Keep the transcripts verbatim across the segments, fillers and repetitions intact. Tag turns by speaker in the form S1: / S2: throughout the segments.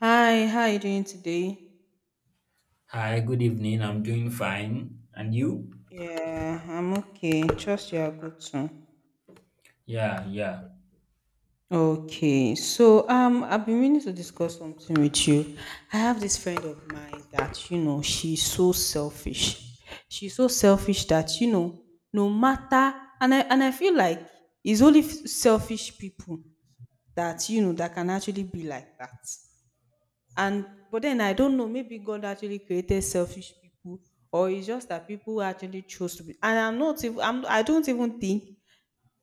S1: Hi, how are you doing today?
S2: Hi, good evening. I'm doing fine. And you?
S1: Yeah, I'm okay. Trust you are good too.
S2: Yeah, yeah.
S1: Okay, so um, I've been meaning to discuss something with you. I have this friend of mine that you know she's so selfish. She's so selfish that you know, no matter and I and I feel like it's only f- selfish people that you know that can actually be like that. And but then I don't know, maybe God actually created selfish people, or it's just that people actually chose to be. And I'm not even I'm I don't even think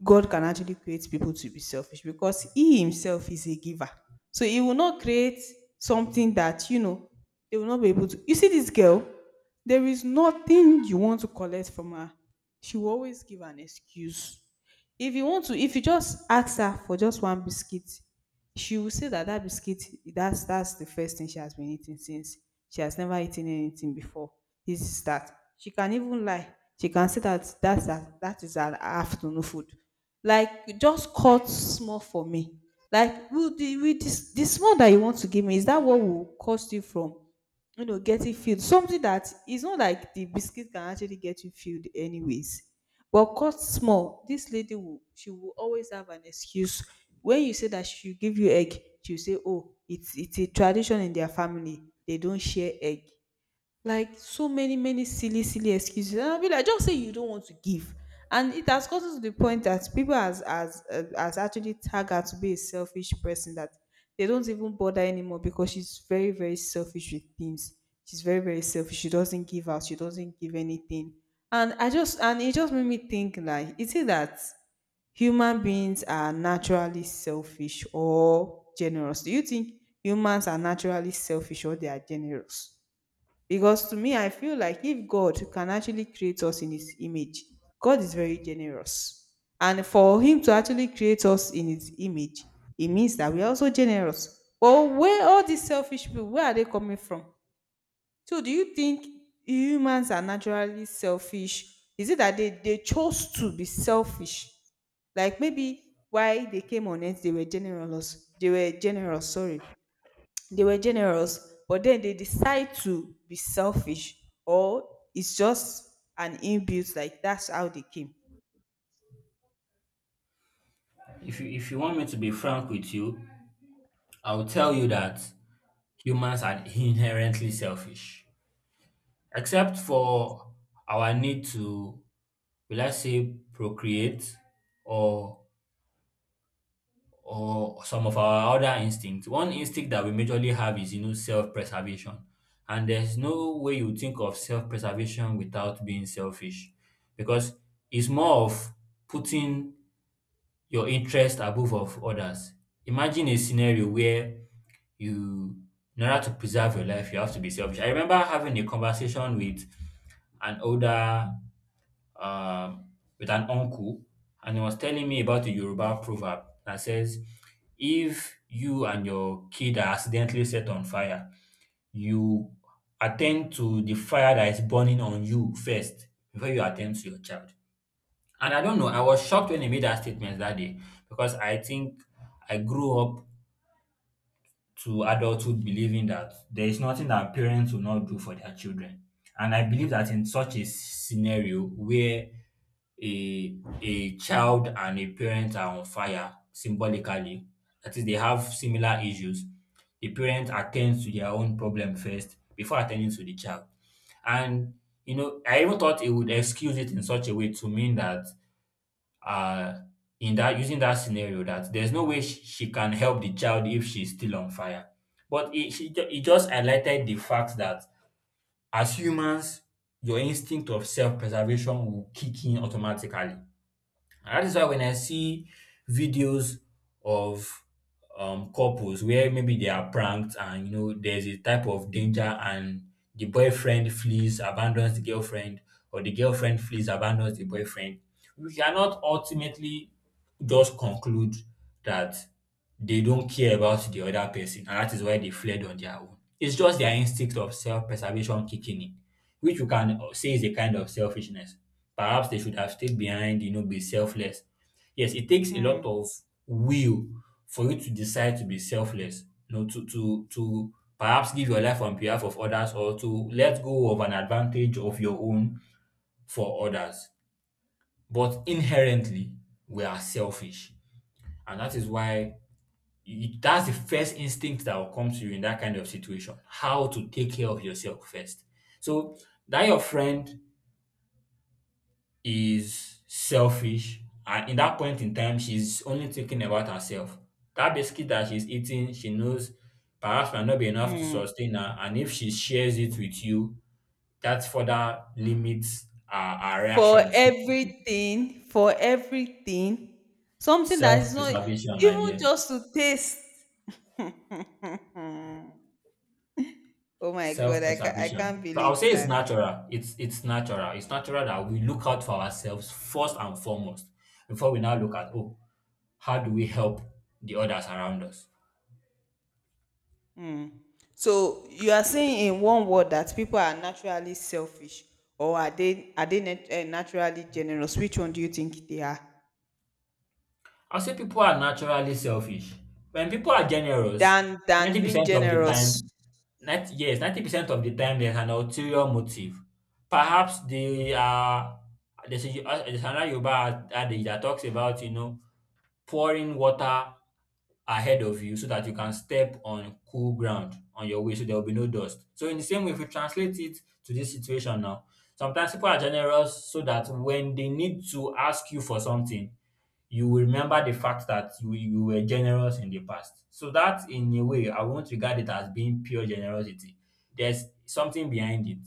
S1: God can actually create people to be selfish because He Himself is a giver. So He will not create something that, you know, they will not be able to. You see, this girl, there is nothing you want to collect from her. She will always give an excuse. If you want to, if you just ask her for just one biscuit, she will say that that biscuit, that's, that's the first thing she has been eating since. She has never eaten anything before. This is that. She can even lie. She can say that that's, that, that is her afternoon food, like just cut small for me. Like will the will this the small that you want to give me, is that what will cost you from you know getting filled? Something that is not, like, the biscuit can actually get you filled anyways. But cut small, this lady will she will always have an excuse. When you say that she will give you egg, she'll say, oh, it's it's a tradition in their family. They don't share egg, like, so many, many silly, silly excuses. And I'll be like, just say you don't want to give. And it has gotten to the point that people has has uh, has actually tagged her to be a selfish person that they don't even bother anymore because she's very, very selfish with things. She's very, very selfish. She doesn't give out, she doesn't give anything. and i just and it just made me think, like, is it that human beings are naturally selfish or generous? Do you think humans are naturally selfish or they are generous? Because to me, I feel like if God can actually create us in His image, God is very generous. And for Him to actually create us in His image, it means that we're also generous. But where all these selfish people, where are they coming from? So do you think humans are naturally selfish? Is it that they, they chose to be selfish? Like maybe why they came on earth, they were generous. They were generous, sorry, they were generous, but then they decide to be selfish, or it's just an inbuilt, like, that's how they came.
S2: If you if you want me to be frank with you, I'll tell
S1: Yeah.
S2: you that humans are inherently selfish. Except
S1: Okay.
S2: for our need to, will I say, procreate or or some of our other instincts. One instinct that we majorly have is you know self-preservation. And there's no way you think of self-preservation without being selfish. Because it's more of putting your interest above of others. Imagine a scenario where you, in order to preserve your life, you have to be selfish. I remember having a conversation with an older, um, with an uncle, and he was telling me about a Yoruba proverb that says, if you and your kid are accidentally set on fire, you attend to the fire that is burning on you first before you attend to your child. And I don't know, I was shocked when he made that statement that day because I think I grew up to adulthood believing that there is nothing that parents will not do for their children. And I believe that in such a scenario where a a child and a parent are on fire symbolically, that is, they have similar issues, the parent attends to their own problem first before attending to the child. And you know, I even thought it would excuse it in such a way to mean that uh in that using that scenario that there's no way she, she can help the child if she's still on fire. But it, she, ju- it just highlighted the fact that as humans, your instinct of self preservation will kick in automatically. And that is why when I see videos of um, couples where maybe they are pranked and you know there's a type of danger and the boyfriend flees, abandons the girlfriend, or the girlfriend flees, abandons the boyfriend, we cannot ultimately just conclude that they don't care about the other person and that is why they fled on their own. It's just their instinct of self preservation kicking in which you can say is a kind of selfishness. Perhaps they should have stayed behind, you know, be selfless. Yes, it takes a lot
S1: Mm,
S2: of will for you to decide to be selfless, you know, to to to perhaps give your life on behalf of others or to let go of an advantage of your own for others. But inherently, we are selfish. And that is why you, that's the first instinct that will come to you in that kind of situation. How to take care of yourself first. So that your friend is selfish and in that point in time she's only thinking about herself. That biscuit that she's eating, she knows perhaps might not be enough to
S1: mm.
S2: sustain her. And if she shares it with you, that further limits our, our
S1: For
S2: reactions.
S1: everything, for everything, something that is not
S2: Self-preservation, my
S1: even
S2: dear.
S1: just to taste. Oh my god, I, ca- I can't
S2: Self-preservation. So I'll
S1: believe
S2: say it's
S1: that.
S2: natural. It's it's natural. It's natural that we look out for ourselves first and foremost before we now look at oh, how do we help the others around us?
S1: Mm. So you are saying in one word that people are naturally selfish, or are they are they nat- eh, naturally generous? Which one do you think they are?
S2: I say people are naturally selfish. When people are generous,
S1: Than than being
S2: ninety percent of the
S1: generous.
S2: time, ninety, yes, ninety percent of the time there's an ulterior motive. Perhaps they are, there's, a, there's another Yoruba adage that talks about, you know, pouring water ahead of you so that you can step on cool ground on your way so there will be no dust. So in the same way, if we translate it to this situation now, sometimes people are generous so that when they need to ask you for something, you will remember the fact that you you were generous in the past. So that in a way, I won't regard it as being pure generosity. There's something behind it.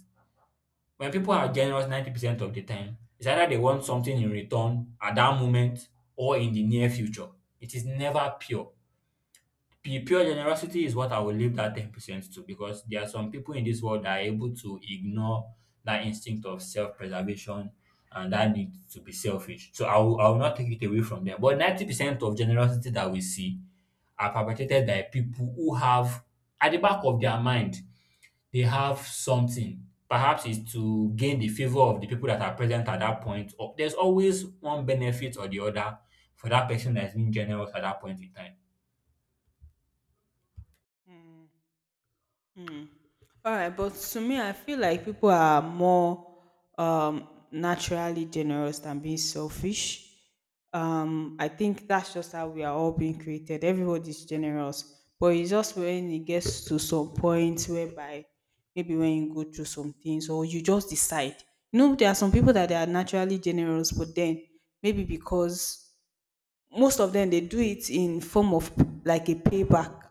S2: When people are generous ninety percent of the time, it's either they want something in return at that moment or in the near future. It is never pure. P- pure generosity is what I will leave that ten percent to because there are some people in this world that are able to ignore that instinct of self preservation and that need to be selfish. So I will, I will not take it away from them. But ninety percent of generosity that we see are perpetrated by people who have, at the back of their mind, they have something. Perhaps it's to gain the favor of the people that are present at that point. Or there's always one benefit or the other for that person that's being generous at that point in time.
S1: Alright, but to me, I feel like people are more um, naturally generous than being selfish. Um, I think that's just how we are all being created. Everybody's generous, but it's just when it gets to some point whereby maybe when you go through some things, or you just decide. You know, there are some people that they are naturally generous, but then maybe because most of them, they do it in form of, like, a payback.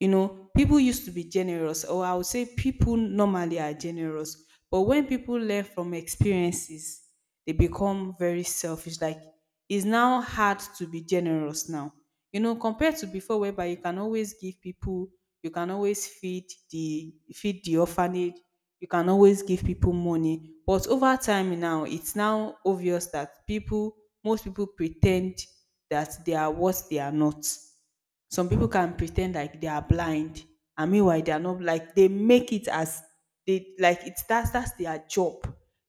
S1: you know, People used to be generous, or I would say people normally are generous. But when people learn from experiences, they become very selfish. Like, it's now hard to be generous now. You know, compared to before, whereby you can always give people, you can always feed the feed the orphanage, you can always give people money. But over time now, it's now obvious that people, most people pretend that they are what they are not. Some people can pretend like they are blind, and meanwhile they are not. Like, they make it as, they like, it's that's that's their job.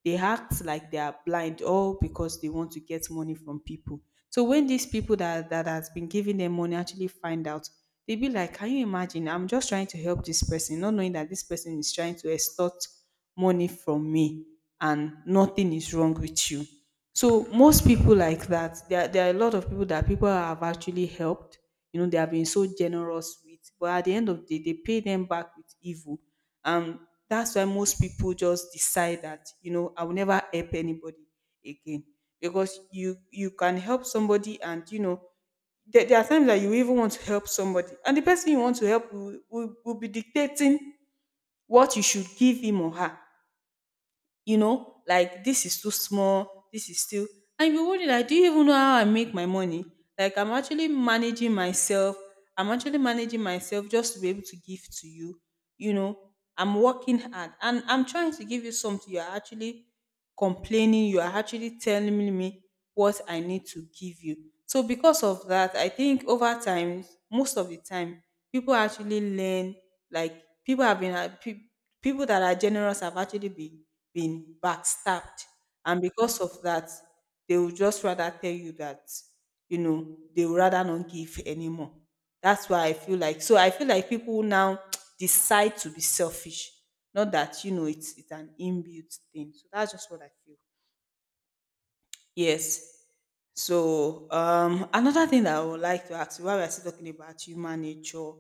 S1: They act like they are blind all because they want to get money from people. So when these people that that has been giving them money actually find out, they be like, can you imagine, I'm just trying to help this person, not knowing that this person is trying to extort money from me, and nothing is wrong with you. So most people like that. There, there are a lot of people that people have actually helped. You know, they have been so generous with, but at the end of the day, they pay them back with evil. And that's why most people just decide that, you know, I will never help anybody again. Because you you can help somebody, and you know, there, there are times that you even want to help somebody, and the person you want to help will, will, will be dictating what you should give him or her. You know, like, this is too small, this is still, and you be wondering, like, do you even know how I make my money? Like, I'm actually managing myself I'm actually managing myself just to be able to give to you. You know, I'm working hard and I'm trying to give you something. You're actually complaining. You are actually telling me what I need to give you. So, because of that, I think over time, most of the time, people actually learn. Like, people have been uh, pe- people that are generous have actually been been backstabbed, and because of that, they will just rather tell you that you know they would rather not give anymore. That's why I feel like so I feel like people now decide to be selfish. Not that, you know it's it's an inbuilt thing. So that's just what I feel. Yes. So um another thing that I would like to ask you while we're still talking about human nature,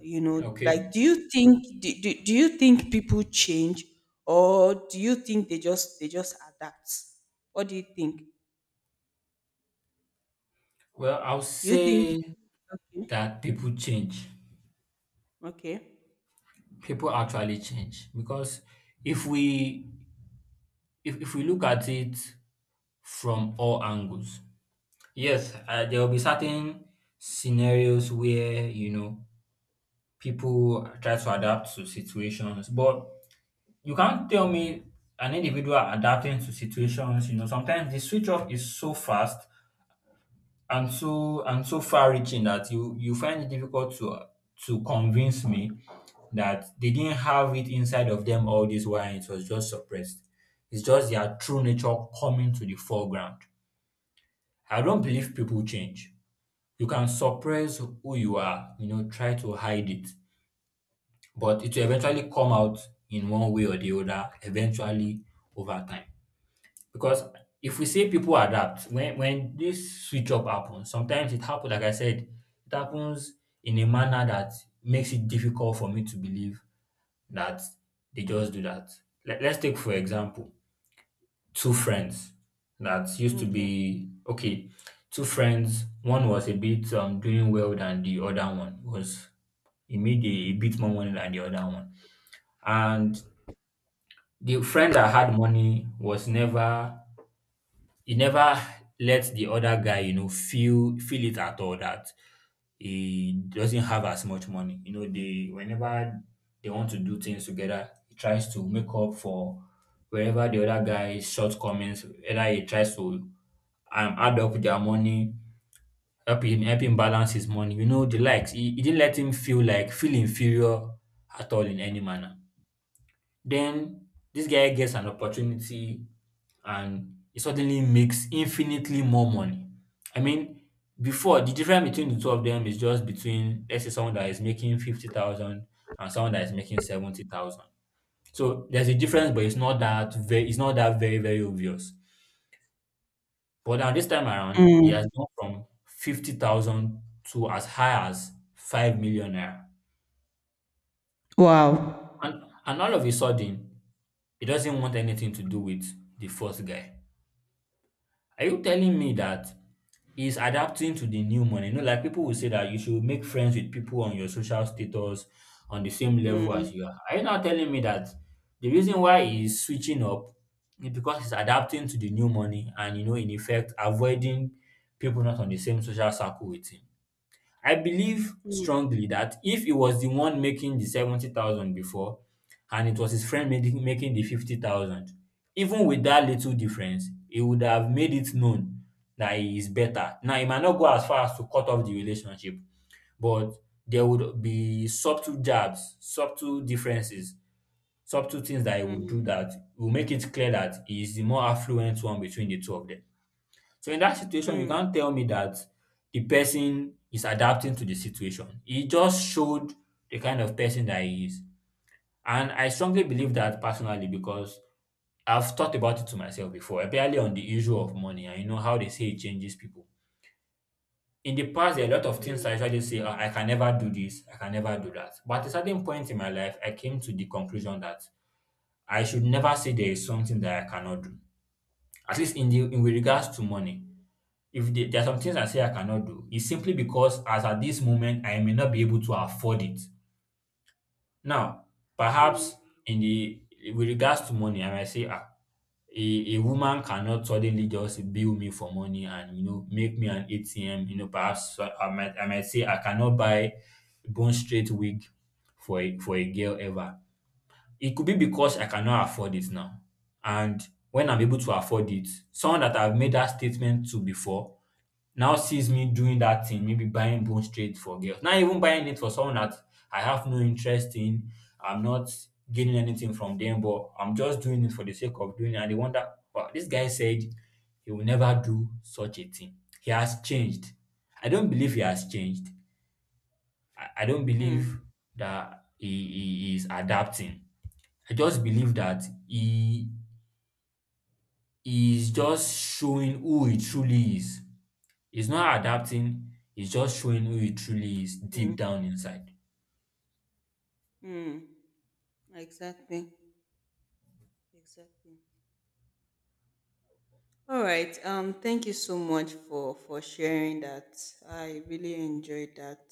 S1: you know,
S2: Okay.
S1: like, do you think do, do, do you think people change, or do you think they just they just adapt? What do you think?
S2: Well, I'll
S1: Do you think,
S2: say
S1: okay?
S2: that people change.
S1: Okay.
S2: People actually change because if we if, if we look at it from all angles, yes, uh, there will be certain scenarios where you know people try to adapt to situations, but you can't tell me an individual adapting to situations. You know, sometimes the switch off is so fast and so and so far reaching that you you find it difficult to to convince me that they didn't have it inside of them all this while and it was just suppressed. It's just their true nature coming to the foreground. I don't believe people change. You can suppress who you are, you know, try to hide it, but it will eventually come out in one way or the other, eventually over time. Because if we say people adapt, when when this switch up happens, sometimes it happens, like I said, it happens in a manner that makes it difficult for me to believe that they just do that. Let, let's take, for example, two friends that used to
S1: Okay.
S2: be okay, two friends, one was a bit um, doing well than the other one, was he made a, a bit more money than the other one. And the friend that had money was never— he never let the other guy, you know, feel feel it at all that he doesn't have as much money. You know, they whenever they want to do things together, he tries to make up for wherever the other guy's shortcomings, whether he tries to um, add up their money, help him help him balance his money, you know, the likes. He, he didn't let him feel like feel inferior at all in any manner. Then this guy gets an opportunity and he suddenly makes infinitely more money. I mean, before the difference between the two of them is just between let's say someone that is making fifty thousand and someone that is making seventy thousand. So there's a difference, but it's not that very— it's not that very, very obvious. But now this time around, he has
S1: Mm.
S2: gone from fifty thousand to as high as five million naira.
S1: Wow.
S2: And and all of a sudden, he doesn't want anything to do with the first guy. Are you telling me that is adapting to the new money? You know, like people will say that you should make friends with people on your social status on the same level as you are. Are you now telling me that the reason why he's switching up is because he's adapting to the new money and you know, in effect, avoiding people not on the same social circle with him? I believe strongly that if he was the one making the seventy thousand before and it was his friend making making the fifty thousand, even with that little difference, he would have made it known that he is better. Now, he might not go as far as to cut off the relationship, but there would be subtle jabs, subtle differences, subtle things that he would
S1: Mm.
S2: do that will make it clear that he is the more affluent one between the two of them. So in that situation, you
S1: Mm,
S2: can't tell me that the person is adapting to the situation. He just showed the kind of person that he is. And I strongly believe that personally because I've thought about it to myself before, especially on the issue of money and you know how they say it changes people. In the past, there are a lot of things I usually say, "Ah, I can never do this, I can never do that." But at a certain point in my life, I came to the conclusion that I should never say there is something that I cannot do, at least in the in with regards to money. If the there are some things I say I cannot do, it's simply because as at this moment I may not be able to afford it. Now, perhaps
S1: mm,
S2: in the with regards to money, I might say, ah, a, a woman cannot suddenly just bill me for money and you know make me an A T M. You know, perhaps uh, I might I might say I cannot buy bone straight wig for a, for a girl ever. It could be because I cannot afford it now, and when I'm able to afford it, someone that I've made that statement to before now sees me doing that thing, maybe buying bone straight for girls. Not even buying it for someone that I have no interest in. I'm not gaining anything from them, but I'm just doing it for the sake of doing it. And they wonder, wow, this guy said he will never do such a thing. He has changed. I don't believe he has changed. I, I don't believe
S1: mm,
S2: that he, he is adapting. I just believe that he, he is just showing who he truly is. He's not adapting, he's just showing who he truly is
S1: mm,
S2: deep down inside.
S1: mm. Exactly. Exactly. All right. Um, thank you so much for for sharing that. I really enjoyed that.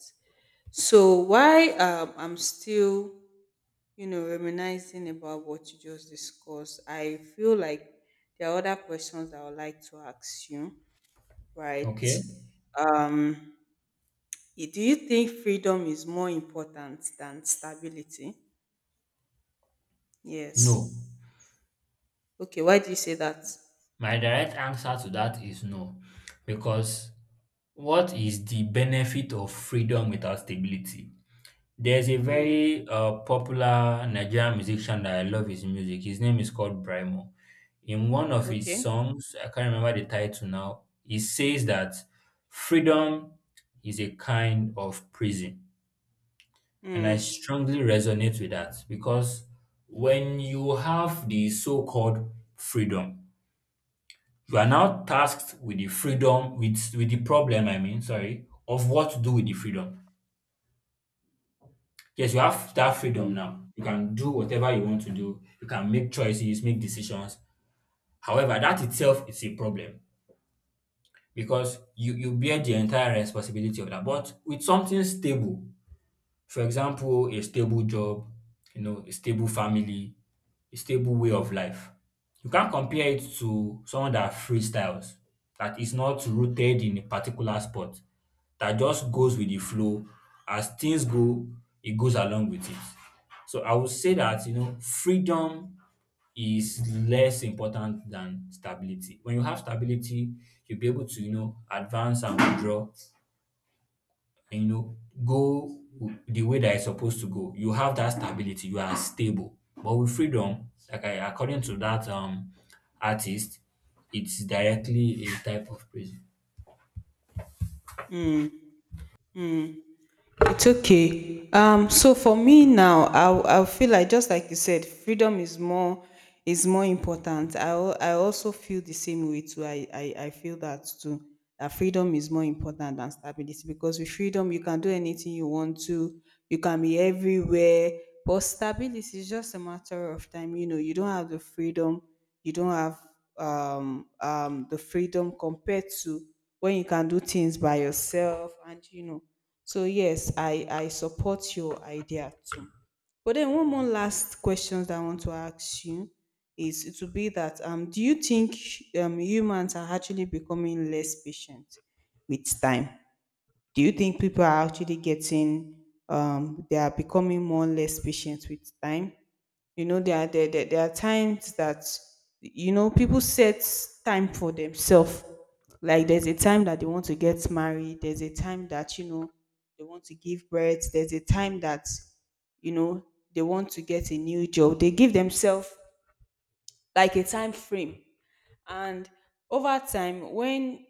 S1: So why um I'm still, you know, reminiscing about what you just discussed, I feel like there are other questions I would like to ask you, right?
S2: Okay?
S1: Um, i- do you think freedom is more important than stability?
S2: No.
S1: Yes. Okay, why do you say that?
S2: My direct answer to that is no. Because what is the benefit of freedom without stability? There's a
S1: Mm,
S2: very uh, popular Nigerian musician that I love his music. His name is called Brimo. In one of his
S1: okay.
S2: songs, I can't remember the title now, he says that freedom is a kind of prison. And I
S1: Mm.
S2: strongly resonate with that because when you have the so-called freedom, you are now tasked with the freedom, with, with the problem, I mean, sorry, of what to do with the freedom. Yes, you have that freedom now. You can do whatever you want to do. You can make choices, make decisions. However, that itself is a problem because you, you bear the entire responsibility of that. But with something stable, for example, a stable job, you know, a stable family, a stable way of life. You can't compare it to someone that freestyles, that is not rooted in a particular spot, that just goes with the flow. As things go, it goes along with it. So I would say that, you know, freedom is less important than stability. When you have stability, you'll be able to, you know, advance and withdraw and you know go w- the way that it's supposed to go. You have that stability. You are stable. But with freedom, like I, according to that um artist, it's directly a type of prison.
S1: It's okay. Um, so for me now, I I feel like just like you said, freedom is more is more important. I al- I also feel the same way too. I I, I feel that too. That freedom is more important than stability, because with freedom you can do anything you want to. You can be everywhere. But stability is just a matter of time. You know, you don't have the freedom. You don't have um um the freedom compared to when you can do things by yourself, and you know, so yes, I I support your idea too. But then one more last question that I want to ask you is, it will be that um do you think um humans are actually becoming less patient with time? Do you think people are actually getting um they are becoming more less patient with time? You know, there are there, there, there are times that you know people set time for themselves. Like, there's a time that they want to get married, there's a time that you know they want to give birth, there's a time that you know they want to get a new job. They give themselves like a time frame, and over time when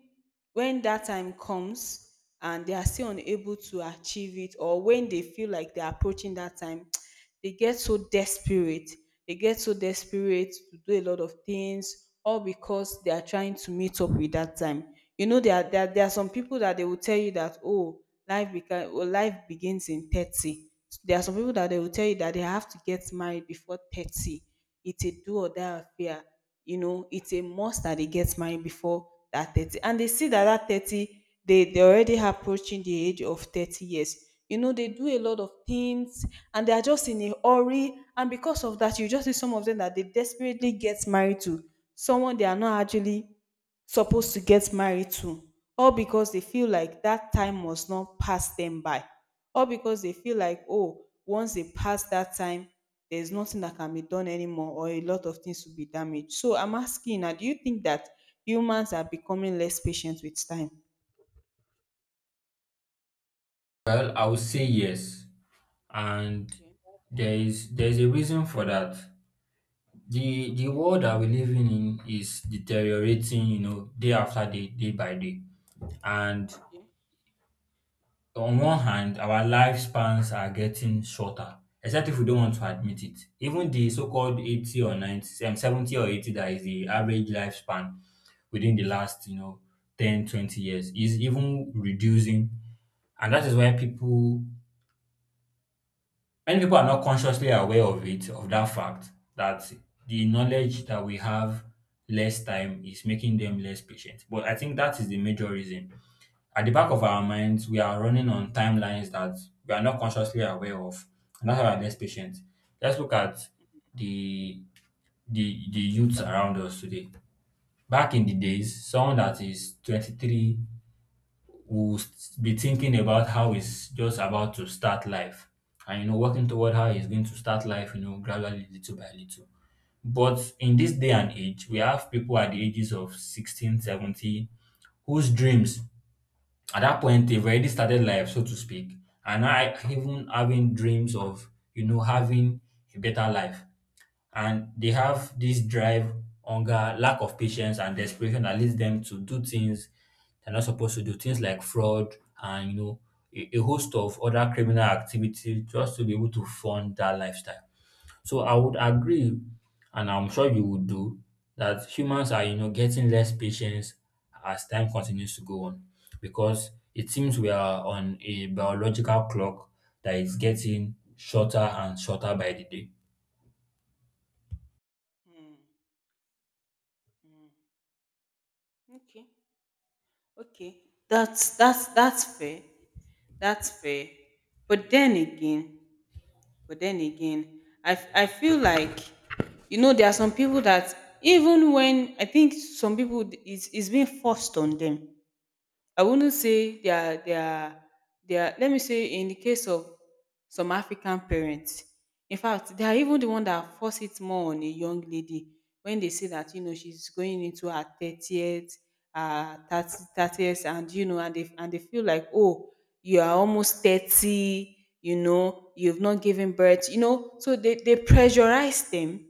S1: when that time comes and they are still unable to achieve it, or when they feel like they're approaching that time they get so desperate they get so desperate to do a lot of things, all because they are trying to meet up with that time. You know, there are, there, are- there are some people that they will tell you that, oh, life beca- oh, life begins in thirty. There are some people that they will tell you that they have to get married before thirty. It's a do or die affair. You know, it's a must that they get married before that thirty, and they see that that thirty, they they already approaching the age of thirty years. You know, they do a lot of things, and they are just in a hurry, and because of that you just see some of them that they desperately get married to someone they are not actually supposed to get married to, or because they feel like that time must not pass them by, or because they feel like, oh, once they pass that time, there's nothing that can be done anymore, or a lot of things will be damaged. So I'm asking now, do you think that humans are becoming less patient with time?
S2: Well, I would say yes, and
S1: Okay, why do you say
S2: there
S1: that?
S2: is there is a reason for that. the The
S1: Okay,
S2: world that we live in is deteriorating, you know, day after day, day by day. And
S1: okay.
S2: so, on one hand, our lifespans are getting shorter, except if we don't want to admit it. Even the so-called eighty or ninety, um, seventy or eighty that is the average lifespan within the last, you know, ten twenty years is even reducing. And that is why people, many people are not consciously aware of it, of that fact that the knowledge that we have less time is making them less patient. But I think that is the major reason. At the back of our minds, we are running on timelines that we are not consciously aware of, and that's why we are less patient. Let's look at the the the youths around us today. Back in the days, someone that is twenty-three will s- be thinking about how he's just about to start life and you know working toward how he's going to start life, you know, gradually little by little. But in this day and age, we have people at the ages of sixteen, seventeen, whose dreams at that point they've already started life so to speak, and I, even having dreams of, you know, having a better life, and they have this drive, hunger, lack of patience and desperation that leads them to do things they're not supposed to do, things like fraud, and you know, a, a host of other criminal activity just to be able to fund that lifestyle. So I would agree, and I'm sure you would do, that humans are, you know, getting less patience as time continues to go on because it seems we are on a biological clock that is getting shorter and shorter by the day.
S1: Mm, mm. Okay. Okay. That's that's that's fair. That's fair. But then again, but then again, I f- I feel like, you know, there are some people that, even when I think some people, it's it's been forced on them. I wouldn't say they are they are they are let me say, in the case of some African parents, in fact, they are even the one that force it more on a young lady when they say that, you know, she's going into her thirtieth, uh thirtieth, and you know, and they and they feel like, oh, you are almost thirty, you know, you've not given birth, you know, so they they pressurize them,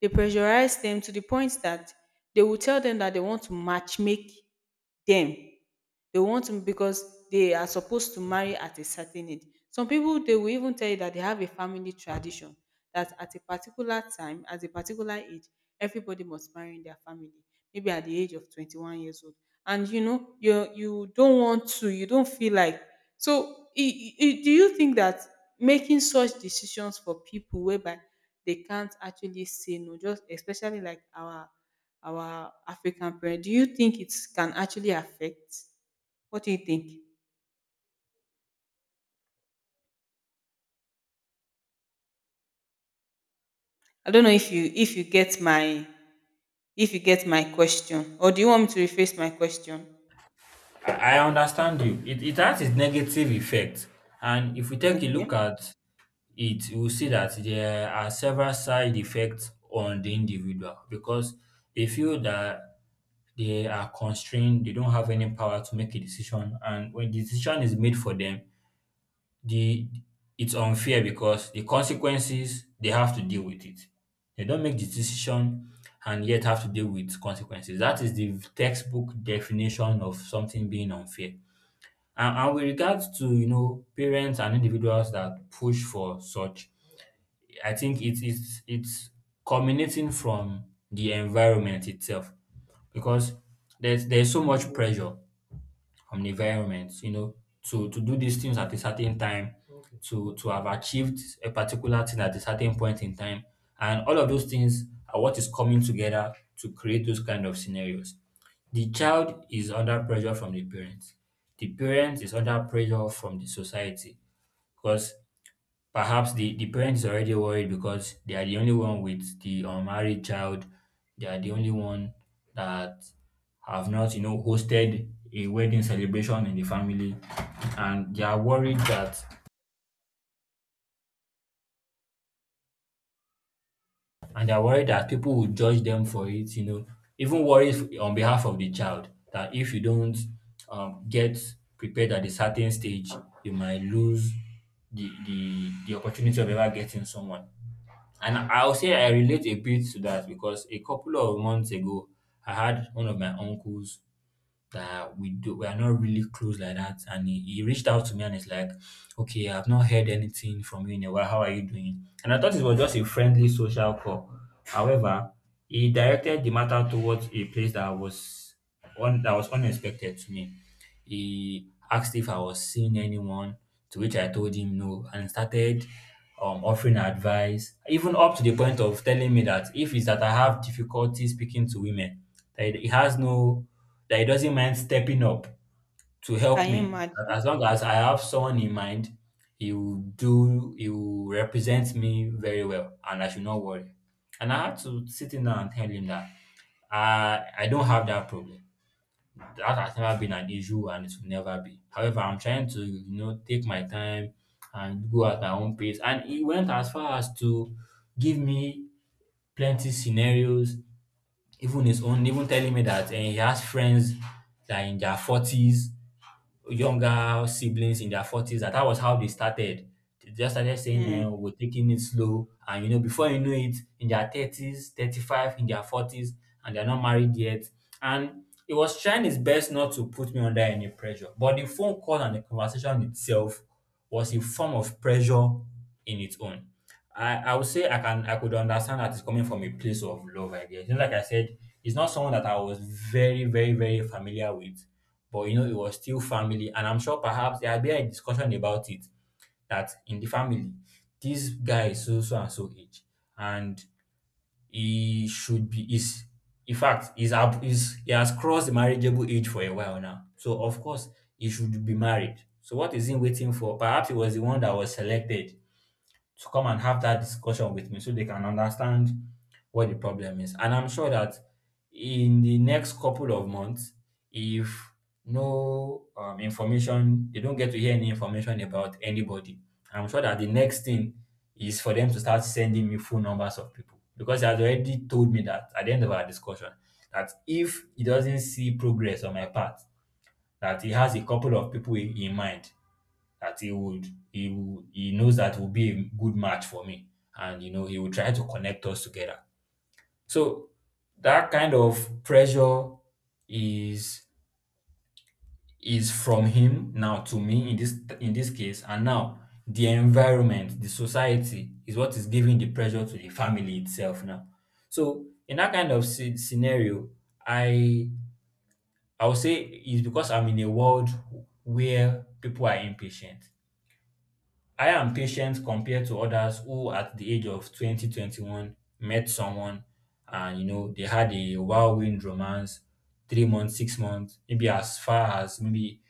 S1: they pressurize them to the point that they will tell them that they want to matchmake them, they want to, because they are supposed to marry at a certain age. Some people, they will even tell you that they have a family tradition that at a particular time, at a particular age, everybody must marry in their family. Maybe at the age of twenty-one years old. And you know, you you don't want to, you don't feel like, so i- i- do you think that making such decisions for people, whereby they can't actually say no, just especially like our our African parents, do you think it can actually affect? What do you think? I don't know if you if you get my if you get my question, or do you want me to rephrase my question?
S2: I understand you. It, it has its negative effect. And if we take a look
S1: Okay.
S2: at it, you will see that there are several side effects on the individual because they feel that they are constrained, they don't have any power to make a decision. And when the decision is made for them, the it's unfair because the consequences they have to deal with it. They don't make the decision and yet have to deal with consequences. That is the textbook definition of something being unfair. And and with regards to, you know, parents and individuals that push for such, I think it is it's it's culminating from the environment itself because there's there's so much pressure from the environment, you know, to to do these things at a certain time, to to have achieved a particular thing at a certain point in time, and all of those things are what is coming together to create those kind of scenarios. The child is under pressure from the parent. The parent is under pressure from the society because perhaps the, the parent is already worried because they are the only one with the unmarried child. They are the only one that have not, you know, hosted a wedding celebration in the family. And they are worried that and they're worried that people will judge them for it, you know, even worries on behalf of the child that if you don't um, get prepared at a certain stage, you might lose the, the, the opportunity of ever getting someone. And I'll say I relate a bit to that because a couple of months ago, I had one of my uncles that we do we are not really close like that. And he, he reached out to me and he's like, okay, I've not heard anything from you in a while. How are you doing? And I thought it was just a friendly social call. However, he directed the matter towards a place that was on that was unexpected to me. He asked if I was seeing anyone, to which I told him no, and started um, offering advice, even up to the point of telling me that if it's that I have difficulty speaking to women, that he has no, that he doesn't mind stepping up to help
S1: Can you
S2: me.
S1: imagine?
S2: That as long as I have someone in mind, he will do, he will represent me very well, and I should not worry. And I had to sit in there and tell him that I, I don't have that problem. That has never been an issue and it will never be. However, I'm trying to, you know, take my time and go at my own pace. And he went as far as to give me plenty scenarios, even his own, even telling me that eh, he has friends that are in their forties, younger siblings in their forties that that was how they started. They just started saying, eh,
S1: Mm,
S2: we're taking it slow. And, you know, before you know it, in their thirties, thirty-five, in their forties, and they're not married yet. And he was trying his best not to put me under any pressure. But the phone call and the conversation itself was a form of pressure in its own. I, I would say I can I could understand that it's coming from a place of love, I guess. You know, like I said, it's not someone that I was very, very, very familiar with. But you know, it was still family. And I'm sure perhaps there had been a discussion about it that in the family, this guy is so so and so age, and he should be, is in fact, is ab- is he has crossed the marriageable age for a while now. So of course he should be married. So what is he waiting for? Perhaps he was the one that was selected to come and have that discussion with me so they can understand what the problem is. And I'm sure that in the next couple of months, if no um, information, they don't get to hear any information about anybody, I'm sure that the next thing is for them to start sending me full numbers of people because he has already told me that at the end of our discussion that if he doesn't see progress on my part, that he has a couple of people in in mind that he would he would he knows that will be a good match for me, and you know he will try to connect us together. So that kind of pressure is is from him now to me in this in this case, and now the environment, the society is what is giving the pressure to the family itself now. So in that kind of sce- scenario, i i would say it's because I'm in a world where people are impatient. I am patient compared to others who at the age of twenty, twenty-one, met someone and you know they had a whirlwind romance, three months, six months, maybe as far as maybe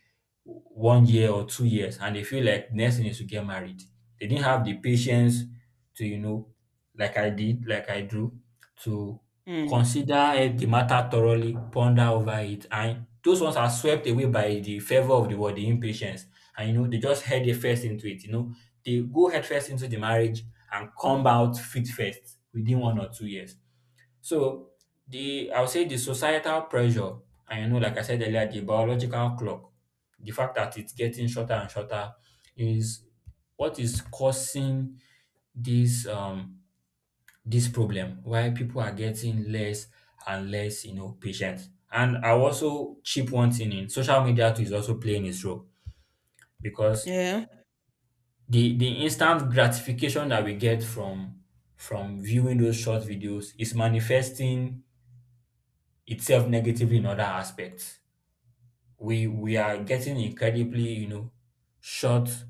S2: one year or two years, and they feel like next thing is to get married. They didn't have the patience to, you know, like I did, like I do, to
S1: mm,
S2: consider eh, the matter thoroughly, ponder over it, and those ones are swept away by the fervor of the world, the impatience, and you know they just head their face into it, you know, they go headfirst into the marriage and come out feet first within one or two years. So the I would say the societal pressure, and you know, like I said earlier, the biological clock, the fact that it's getting shorter and shorter, is what is causing this um this problem why people are getting less and less, you know, patient. And I will also chip one thing in: social media too is also playing its role because
S1: yeah.
S2: the the instant gratification that we get from from viewing those short videos is manifesting itself negatively in other aspects. We we are getting incredibly, you know, short,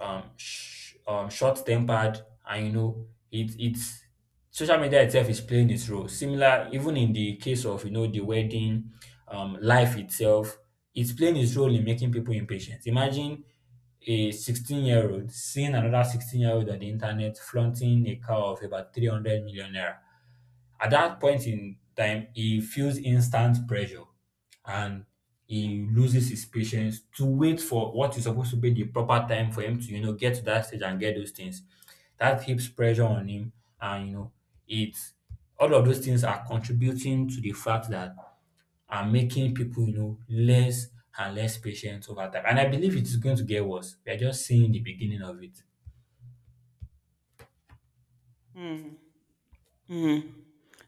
S2: um, sh- um short tempered, and you know it it's social media itself is playing its role similar even in the case of, you know, the wedding um life itself. It's playing its role in making people impatient. Imagine a sixteen year old seeing another sixteen year old on the internet flaunting a car of about three hundred million naira. At that point in time, he feels instant pressure and
S1: Mm.
S2: he loses his patience to wait for what is supposed to be the proper time for him to, you know, get to that stage and get those things. That heaps pressure on him, and you know, it's all of those things are contributing to the fact that are making people, you know, less and less patient over time. And I believe it is going to get worse. We are just seeing the beginning of it.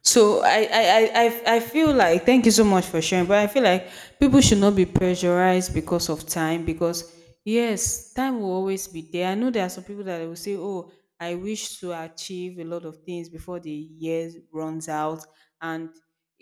S1: So I, I, I, I I feel like, thank you so much for sharing, but I feel like people should not be pressurized because of time, because yes, time will always be there. I know there are some people that will say, oh, I wish to achieve a lot of things before the years runs out, and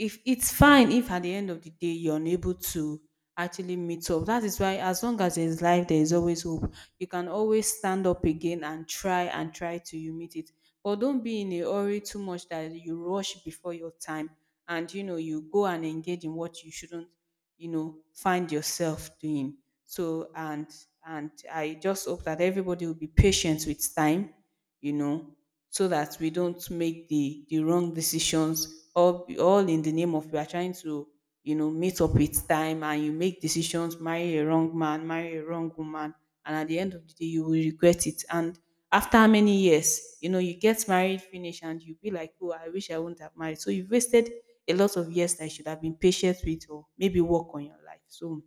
S1: if it's fine, if at the end of the day you're unable to actually meet up, that is why, as long as there's life, there is always hope. You can always stand up again and try and try till you meet it. But don't be in a hurry too much that you rush before your time and you know you go and engage in what you shouldn't, you know, find yourself doing. So, and and I just hope that everybody will be patient with time, you know, so that we don't make the the wrong decisions, all all in the name of we are trying to, you know, meet up with time, and you make decisions, marry a wrong man, marry a wrong woman, and at the end of the day you will regret it. And after how many years, you know, you get married finish and you be like, oh, I wish I wouldn't have married. So you've wasted a lot of years that you should have been patient with, or maybe work on your life. So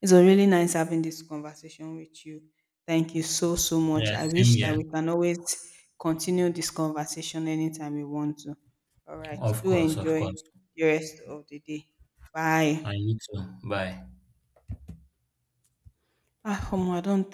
S1: it's was really nice having this conversation with you. Thank you so, so much.
S2: Yeah,
S1: I
S2: same
S1: wish that
S2: here.
S1: we can always continue this conversation anytime we want to. All right.
S2: Of
S1: Do
S2: course, of
S1: enjoy
S2: course.
S1: the rest of the day. Bye.
S2: And you too. Bye.
S1: Ah, Omo, I don't